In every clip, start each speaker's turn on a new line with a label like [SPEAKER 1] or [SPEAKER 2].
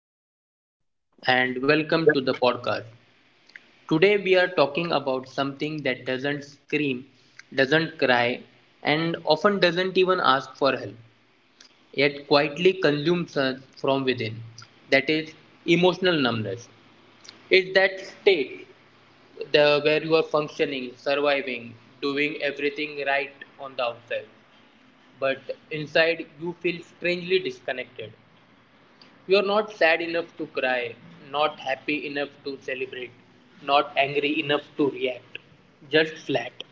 [SPEAKER 1] Thank
[SPEAKER 2] and welcome to the podcast. Today, we are talking about something that doesn't scream, doesn't cry, and often doesn't even ask for help, yet quietly consumes us from within. That is emotional numbness. It's that state where you are functioning, surviving, doing everything right on the outside, but inside you feel strangely disconnected. You're not sad enough to cry, not happy enough to celebrate, not angry enough to react. Just flat.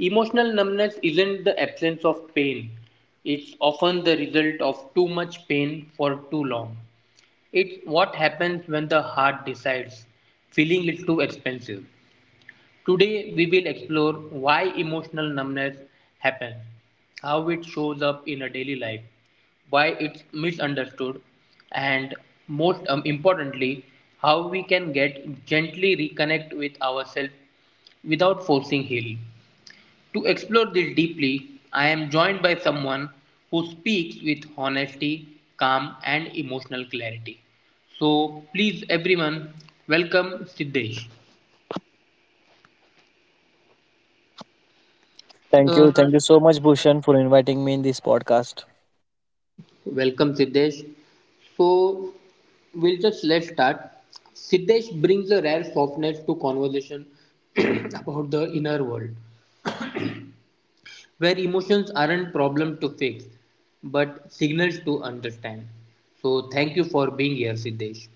[SPEAKER 2] Emotional numbness isn't the absence of pain, it's often the result of too much pain for too long. It's what happens when the heart decides feeling is too expensive. Today, we will explore why emotional numbness happens, how it shows up in a daily life, why it's misunderstood, and most importantly, how we can get gently reconnect with ourselves without forcing healing. To explore this deeply, I am joined by someone who speaks with honesty, calm, and emotional clarity. So, please, everyone, welcome Siddesh.
[SPEAKER 1] you.
[SPEAKER 2] Uh,
[SPEAKER 1] Thank you so much, Bhushan, for inviting me in this podcast.
[SPEAKER 2] Welcome, Siddesh. So, we'll just let's start. Siddesh brings a rare softness to conversation about the inner world, where emotions aren't problem to fix, but signals to understand. So, thank you for being here, Siddesh.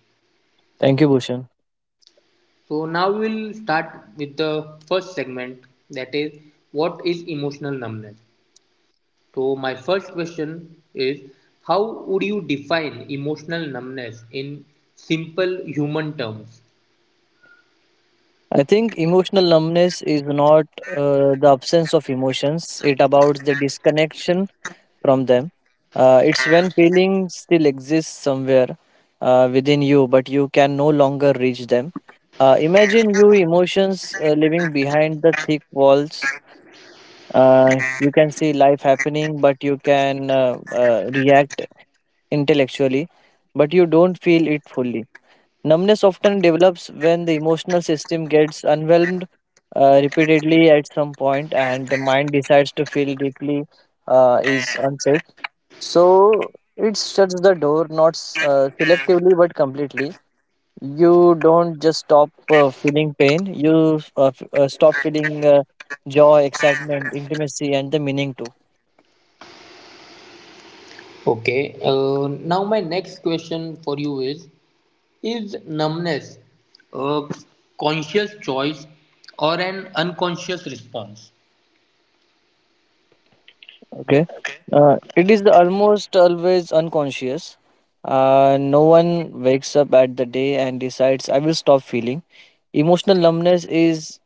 [SPEAKER 1] Thank you, Bhushan.
[SPEAKER 2] So, now we'll start with the first segment, that is, what is emotional numbness? So my first question is how would you define emotional numbness in simple human terms?
[SPEAKER 1] I think emotional numbness is not the absence of emotions, it about the disconnection from them. It's when feeling still exists somewhere within you, but you can no longer reach them. Imagine you emotions living behind the thick walls. You can see life happening, but you can react intellectually, but you don't feel it fully. Numbness often develops when the emotional system gets overwhelmed repeatedly at some point, and the mind decides to feel deeply is unsafe. So it shuts the door, not selectively but completely. You don't just stop feeling pain; you stop feeling joy, excitement, intimacy, and the meaning too.
[SPEAKER 2] Okay, now my next question for you is numbness a conscious choice or an unconscious response?
[SPEAKER 1] Okay. It is almost always unconscious. No one wakes up at the day and decides, I will stop feeling. Emotional numbness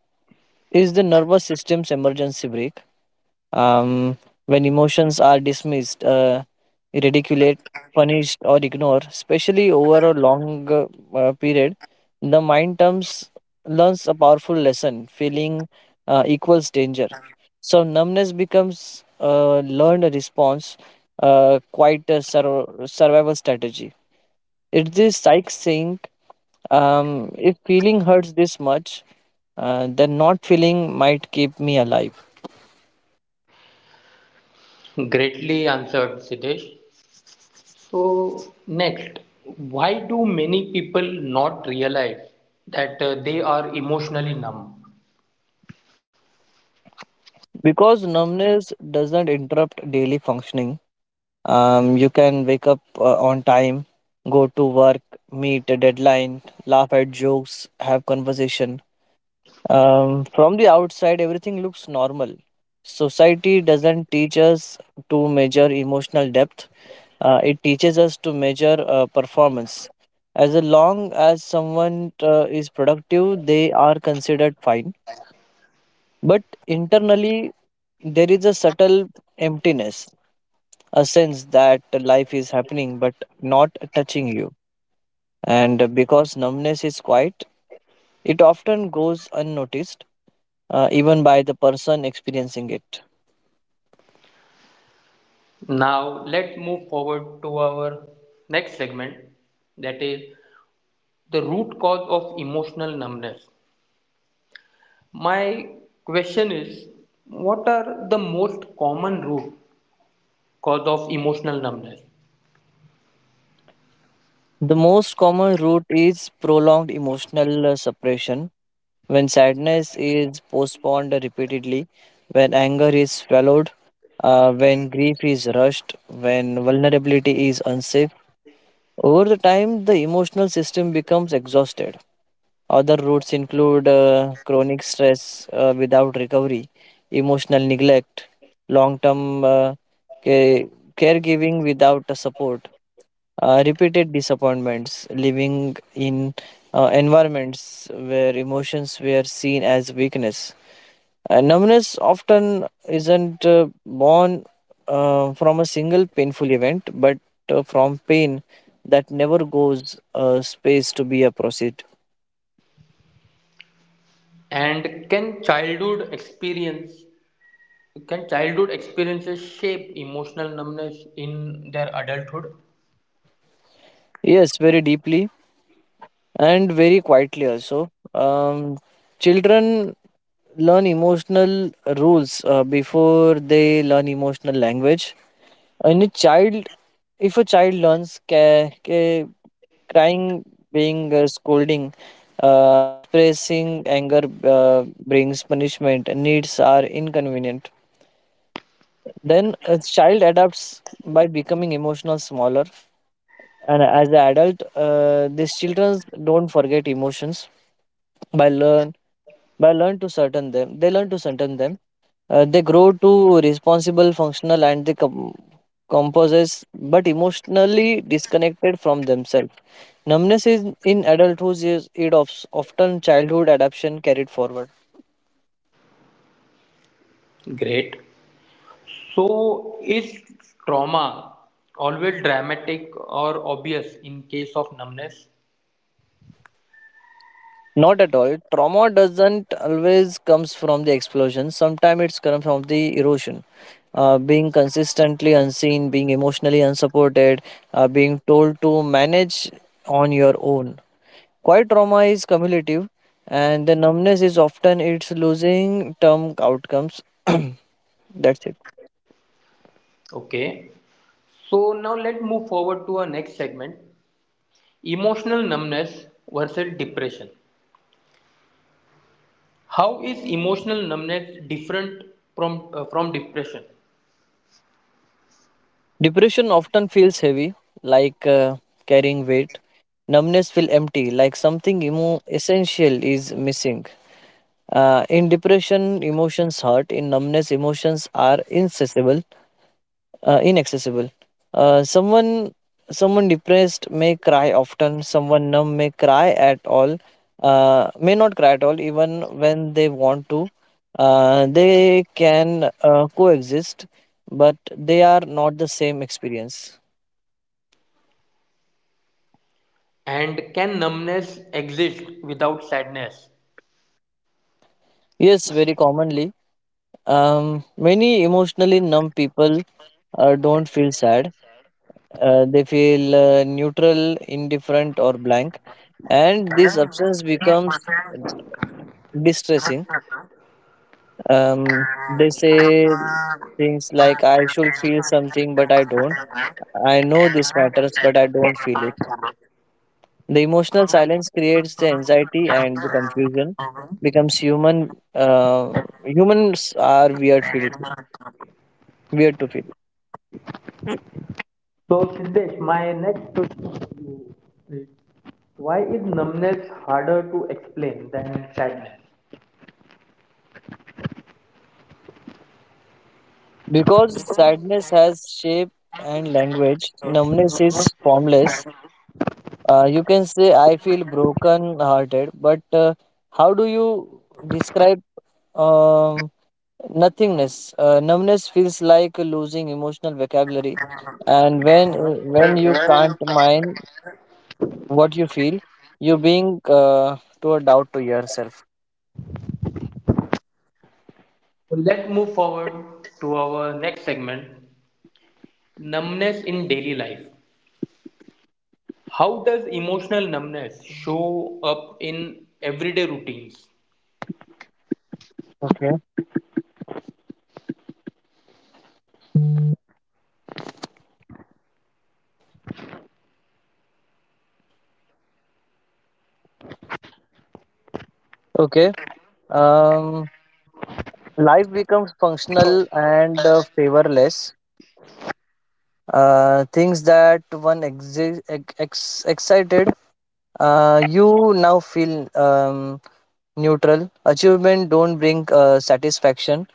[SPEAKER 1] is the nervous system's emergency brake. Um, when emotions are dismissed, ridiculed, punished, or ignored, especially over a long period, the mind terms learns a powerful lesson feeling equals danger. So, numbness becomes a learned response, quite a survival strategy. It's this psych saying, if feeling hurts this much, then not feeling might keep me alive.
[SPEAKER 2] Greatly answered Siddesh. So, next, why do many people not realize that they are emotionally numb?
[SPEAKER 1] Because numbness doesn't interrupt daily functioning, you can wake up on time, go to work, meet a deadline, laugh at jokes, have conversation. From the outside, everything looks normal. Society doesn't teach us to measure emotional depth. It teaches us to measure performance. As long as someone is productive, they are considered fine. But internally, there is a subtle emptiness, a sense that life is happening but not touching you. And because numbness is quiet, it often goes unnoticed, even by the person experiencing it.
[SPEAKER 2] Now let's move forward to our next segment that is the root cause of emotional numbness. My question is what are the most common root cause of emotional numbness,
[SPEAKER 1] The most common route is prolonged emotional suppression, when sadness is postponed repeatedly, when anger is swallowed, when grief is rushed, when vulnerability is unsafe. Over the time, the emotional system becomes exhausted. Other roots include chronic stress without recovery, emotional neglect, long term ca- caregiving without a support, repeated disappointments, living in environments where emotions were seen as weakness. Numbness often isn't born from a single painful event, but from pain that never goes space to be a proceed.
[SPEAKER 2] and can childhood experiences shape emotional numbness in their adulthood?
[SPEAKER 1] Yes, very deeply and very quietly also. Children learn emotional rules before they learn emotional language. And a child, if a child learns crying, being scolding, expressing anger brings punishment, and needs are inconvenient. Then a child adapts by becoming emotional smaller and as an adult these children don't forget emotions by learn. By learn to certain them, they learn to certain them. They grow to responsible, functional, and they composes, but emotionally disconnected from themselves. Numbness is in adulthood is it of often childhood adaptation carried forward.
[SPEAKER 2] Great. So is trauma always dramatic or obvious in case of numbness?
[SPEAKER 1] Not at all. Trauma doesn't always comes from the explosion. Sometimes it's come from the erosion. Being consistently unseen, being emotionally unsupported, being told to manage on your own. Quiet trauma is cumulative, and the numbness is often its losing term outcomes. That's it.
[SPEAKER 2] Okay, so now let's move forward to our next segment, emotional numbness versus depression. How is emotional numbness different from depression?
[SPEAKER 1] Depression often feels heavy, like carrying weight. Numbness feels empty, like something essential is missing. In depression, emotions hurt. In numbness, emotions are inaccessible. uh, inaccessible. Uh, someone someone depressed may cry often. Someone numb may cry at all. May not cry at all even when they want to. They can coexist, but they are not the same experience.
[SPEAKER 2] And can numbness exist without sadness?
[SPEAKER 1] Yes, very commonly. Many emotionally numb people don't feel sad. They feel neutral, indifferent, or blank, and this absence becomes distressing. They say things like, I should feel something, but I don't. I know this matters, but I don't feel it. The emotional silence creates the anxiety and the confusion becomes human. Humans are weird, feel, weird to feel.
[SPEAKER 2] So, Siddesh, my next question to you is why is numbness harder to explain than sadness?
[SPEAKER 1] Because sadness has shape and language, numbness is formless. You can say, I feel broken hearted, but how do you describe? Um, nothingness. Numbness feels like losing emotional vocabulary, and when you can't mind what you feel, you being to a doubt to yourself.
[SPEAKER 2] So, let's move forward to our next segment, numbness in daily life. How does emotional numbness show up in everyday routines?
[SPEAKER 1] Okay. Okay. Um, life becomes functional and favorless. Things that one excited, you now feel neutral. Achievement don't bring satisfaction,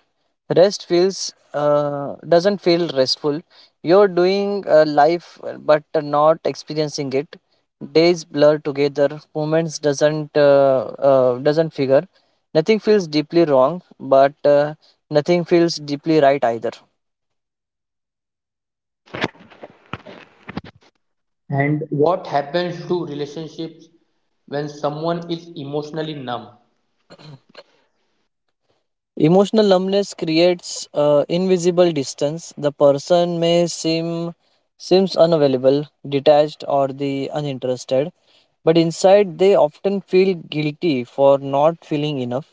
[SPEAKER 1] rest feels doesn't feel restful, you're doing life but not experiencing it, days blur together, moments doesn't figure, nothing feels deeply wrong but nothing feels deeply right either.
[SPEAKER 2] And what happens to relationships when someone is emotionally numb?
[SPEAKER 1] Emotional numbness creates invisible distance, the person may seem seems unavailable, detached, or the uninterested, but inside they often feel guilty for not feeling enough.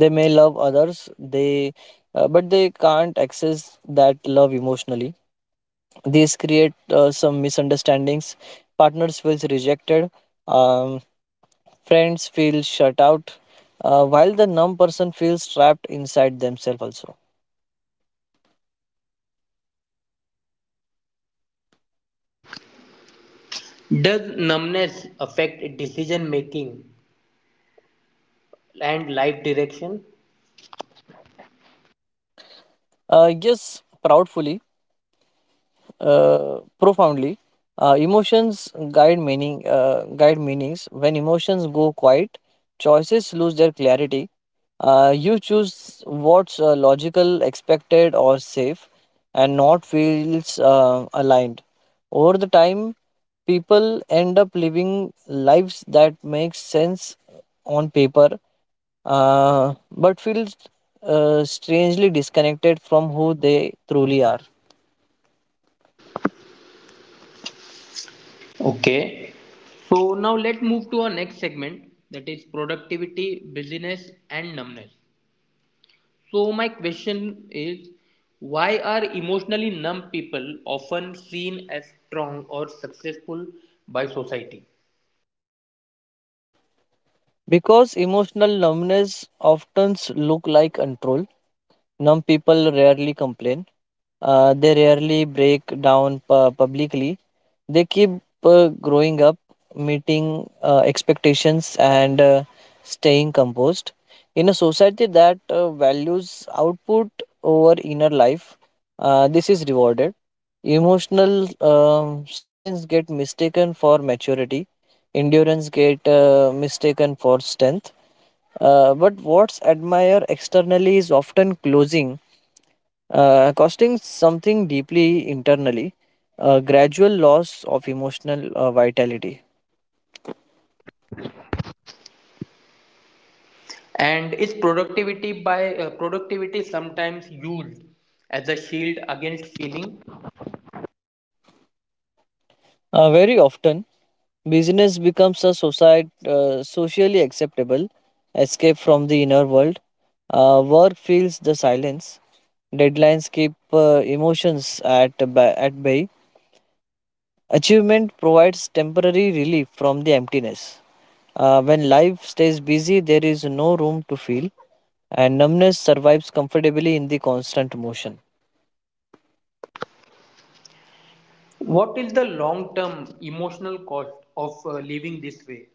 [SPEAKER 1] They may love others, they but they can't access that love emotionally. These create some misunderstandings. Partners feels rejected. Um, friends feel shut out. While the numb person feels trapped inside themselves also.
[SPEAKER 2] Does numbness affect decision making and life direction?
[SPEAKER 1] Yes, profoundly. Emotions guide meaning. Guide meanings. When emotions go quiet, choices lose their clarity. You choose what's logical, expected, or safe, and not feels aligned. Over the time, people end up living lives that make sense on paper, but feels strangely disconnected from who they truly are.
[SPEAKER 2] Okay. So now let's move to our next segment, that is productivity, busyness, and numbness. So my question is, why are emotionally numb people often seen as strong or successful by society?
[SPEAKER 1] Because emotional numbness often look like control, numb people rarely complain. They rarely break down publicly, they keep growing up, meeting expectations, and staying composed. In a society that values output over inner life, this is rewarded. Emotional silence get mistaken for maturity. Endurance get mistaken for strength. But what's admired externally is often closing costing something deeply internally, a gradual loss of emotional vitality.
[SPEAKER 2] And is productivity sometimes used as a shield against feeling?
[SPEAKER 1] Very often, business becomes a society, socially acceptable escape from the inner world. Work fills the silence. Deadlines keep emotions at, at bay. Achievement provides temporary relief from the emptiness. When life stays busy, there is no room to feel, and numbness survives comfortably in the constant motion.
[SPEAKER 2] What is the long-term emotional cost of living this way?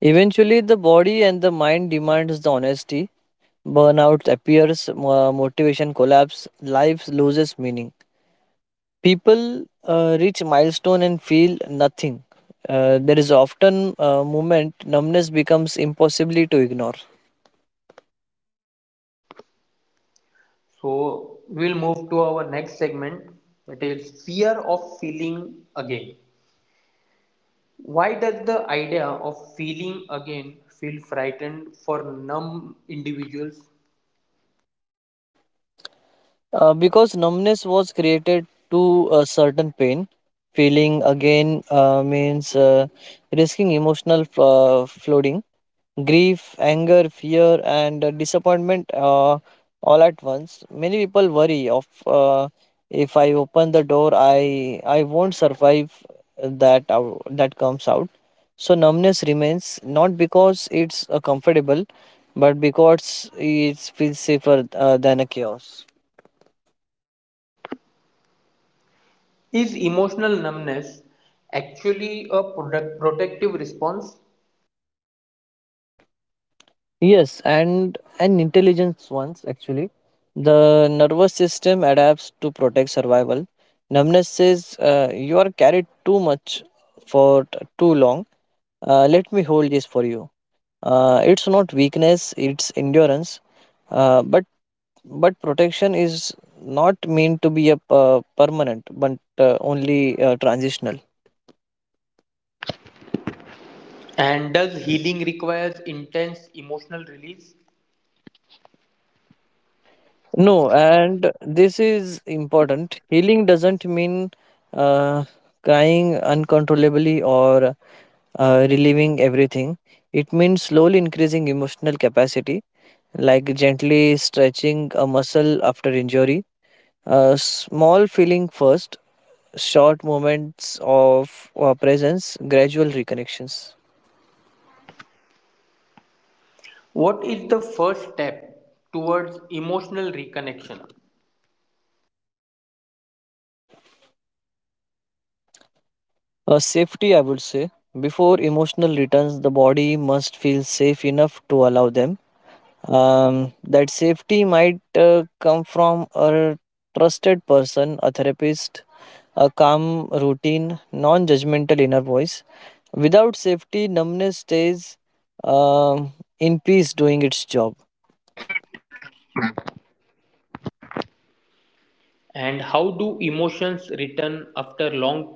[SPEAKER 1] Eventually, the body and the mind demands the honesty. Burnout appears, motivation collapse, life loses meaning. People reach milestone and feel nothing. There is often a moment numbness becomes impossibly to ignore.
[SPEAKER 2] So we'll move to our next segment, that is fear of feeling again. Why does the idea of feeling again feel frightened for numb individuals?
[SPEAKER 1] Because numbness was created to a certain pain, feeling again means risking emotional flooding, grief, anger, fear, and disappointment all at once. Many people worry of if I open the door, I won't survive that out, that comes out. So numbness remains not because it's comfortable, but because it feels safer than a chaos.
[SPEAKER 2] Is emotional numbness actually a product protective response?
[SPEAKER 1] Yes, and an intelligence ones actually. The nervous system adapts to protect survival. Numbness says you are carried too much for too long. Let me hold this for you. It's not weakness; it's endurance. Uh, but but protection is not meant to be a permanent, but only transitional.
[SPEAKER 2] And does healing requires intense emotional release?
[SPEAKER 1] No, and this is important. Healing doesn't mean uh, crying uncontrollably or relieving everything. It means slowly increasing emotional capacity, like gently stretching a muscle after injury. A small feeling first, short moments of presence, gradual reconnections.
[SPEAKER 2] What is the first step towards emotional reconnection?
[SPEAKER 1] A safety, I would say. Before emotional returns, the body must feel safe enough to allow them. That safety might come from a trusted person, a therapist, a calm routine, non judgmental inner voice. Without safety, numbness stays um in peace doing its job.
[SPEAKER 2] And how do emotions return after long period of numbness?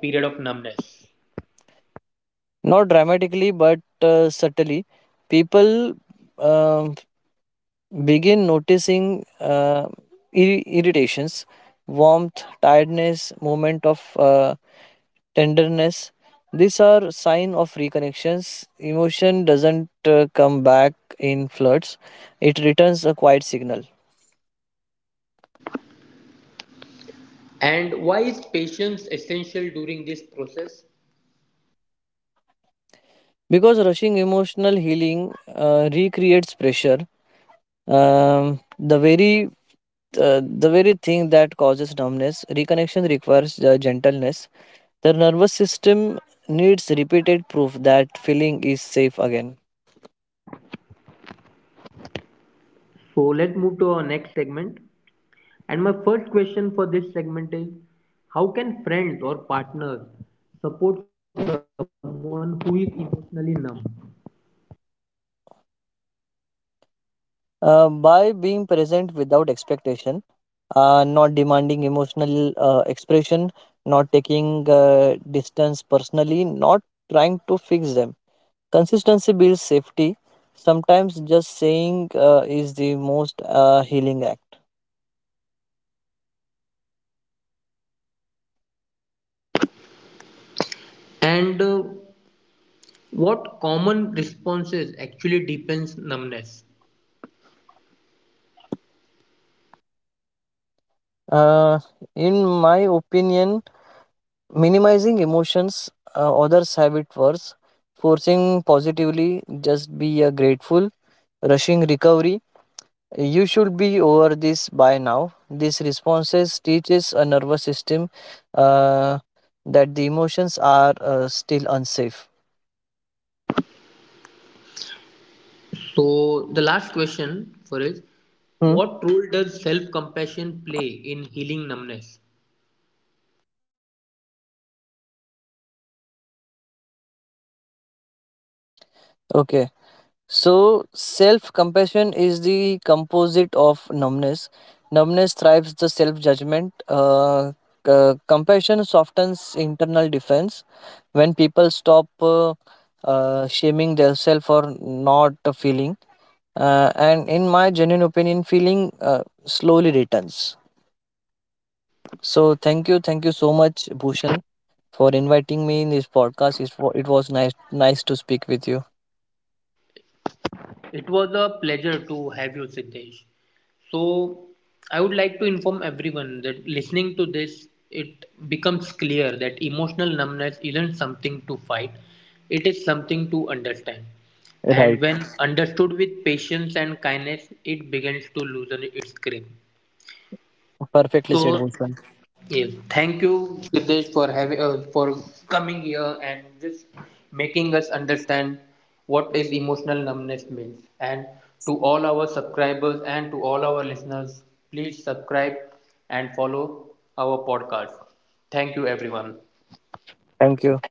[SPEAKER 1] Not dramatically, but subtly. People um begin noticing irritations, warmth, tiredness, moment of. Tenderness, these are sign of reconnections, emotion doesn't come back in floods, it returns a quiet signal.
[SPEAKER 2] And why is patience essential during this process?
[SPEAKER 1] Because rushing emotional healing recreates pressure, um, the very the very thing that causes numbness, reconnection requires gentleness, the nervous system needs repeated proof that feeling is safe again.
[SPEAKER 2] So let's move to our next segment. And my first question for this segment is how can friends or partners support someone who is emotionally numb?
[SPEAKER 1] By being present without expectation, not demanding emotional expression, not taking distance personally, not trying to fix them. Consistency builds safety. Sometimes just saying is the most healing act.
[SPEAKER 2] And what common responses actually deepens numbness?
[SPEAKER 1] Uh, in my opinion, minimizing emotions, others have it worse. Forcing positively, just be grateful. Rushing recovery, you should be over this by now. These responses teaches a nervous system uh, that the emotions are still unsafe.
[SPEAKER 2] So, the last question for is
[SPEAKER 1] Hmm.
[SPEAKER 2] what role does self compassion play in healing numbness?
[SPEAKER 1] Okay. So self compassion is the composite of numbness. Numbness thrives the self judgment. Compassion softens internal defense. When people stop shaming themselves for not feeling and in my genuine opinion feeling slowly returns. So thank you so much, Bhushan, for inviting me in this podcast. It was nice to speak with you.
[SPEAKER 2] It was a pleasure to have you, Siddesh. So, I would like to inform everyone that listening to this, it becomes clear that emotional numbness isn't something to fight, it is something to understand. And
[SPEAKER 1] Right,
[SPEAKER 2] when understood with patience and kindness, it begins to loosen its grip.
[SPEAKER 1] perfectly said,
[SPEAKER 2] So,
[SPEAKER 1] Bhushan.
[SPEAKER 2] yes, thank you, Siddesh, for having for coming here and just making us understand what is emotional numbness means. And to all our subscribers and to all our listeners, please subscribe and follow our podcast. Thank you, everyone.
[SPEAKER 1] Thank you.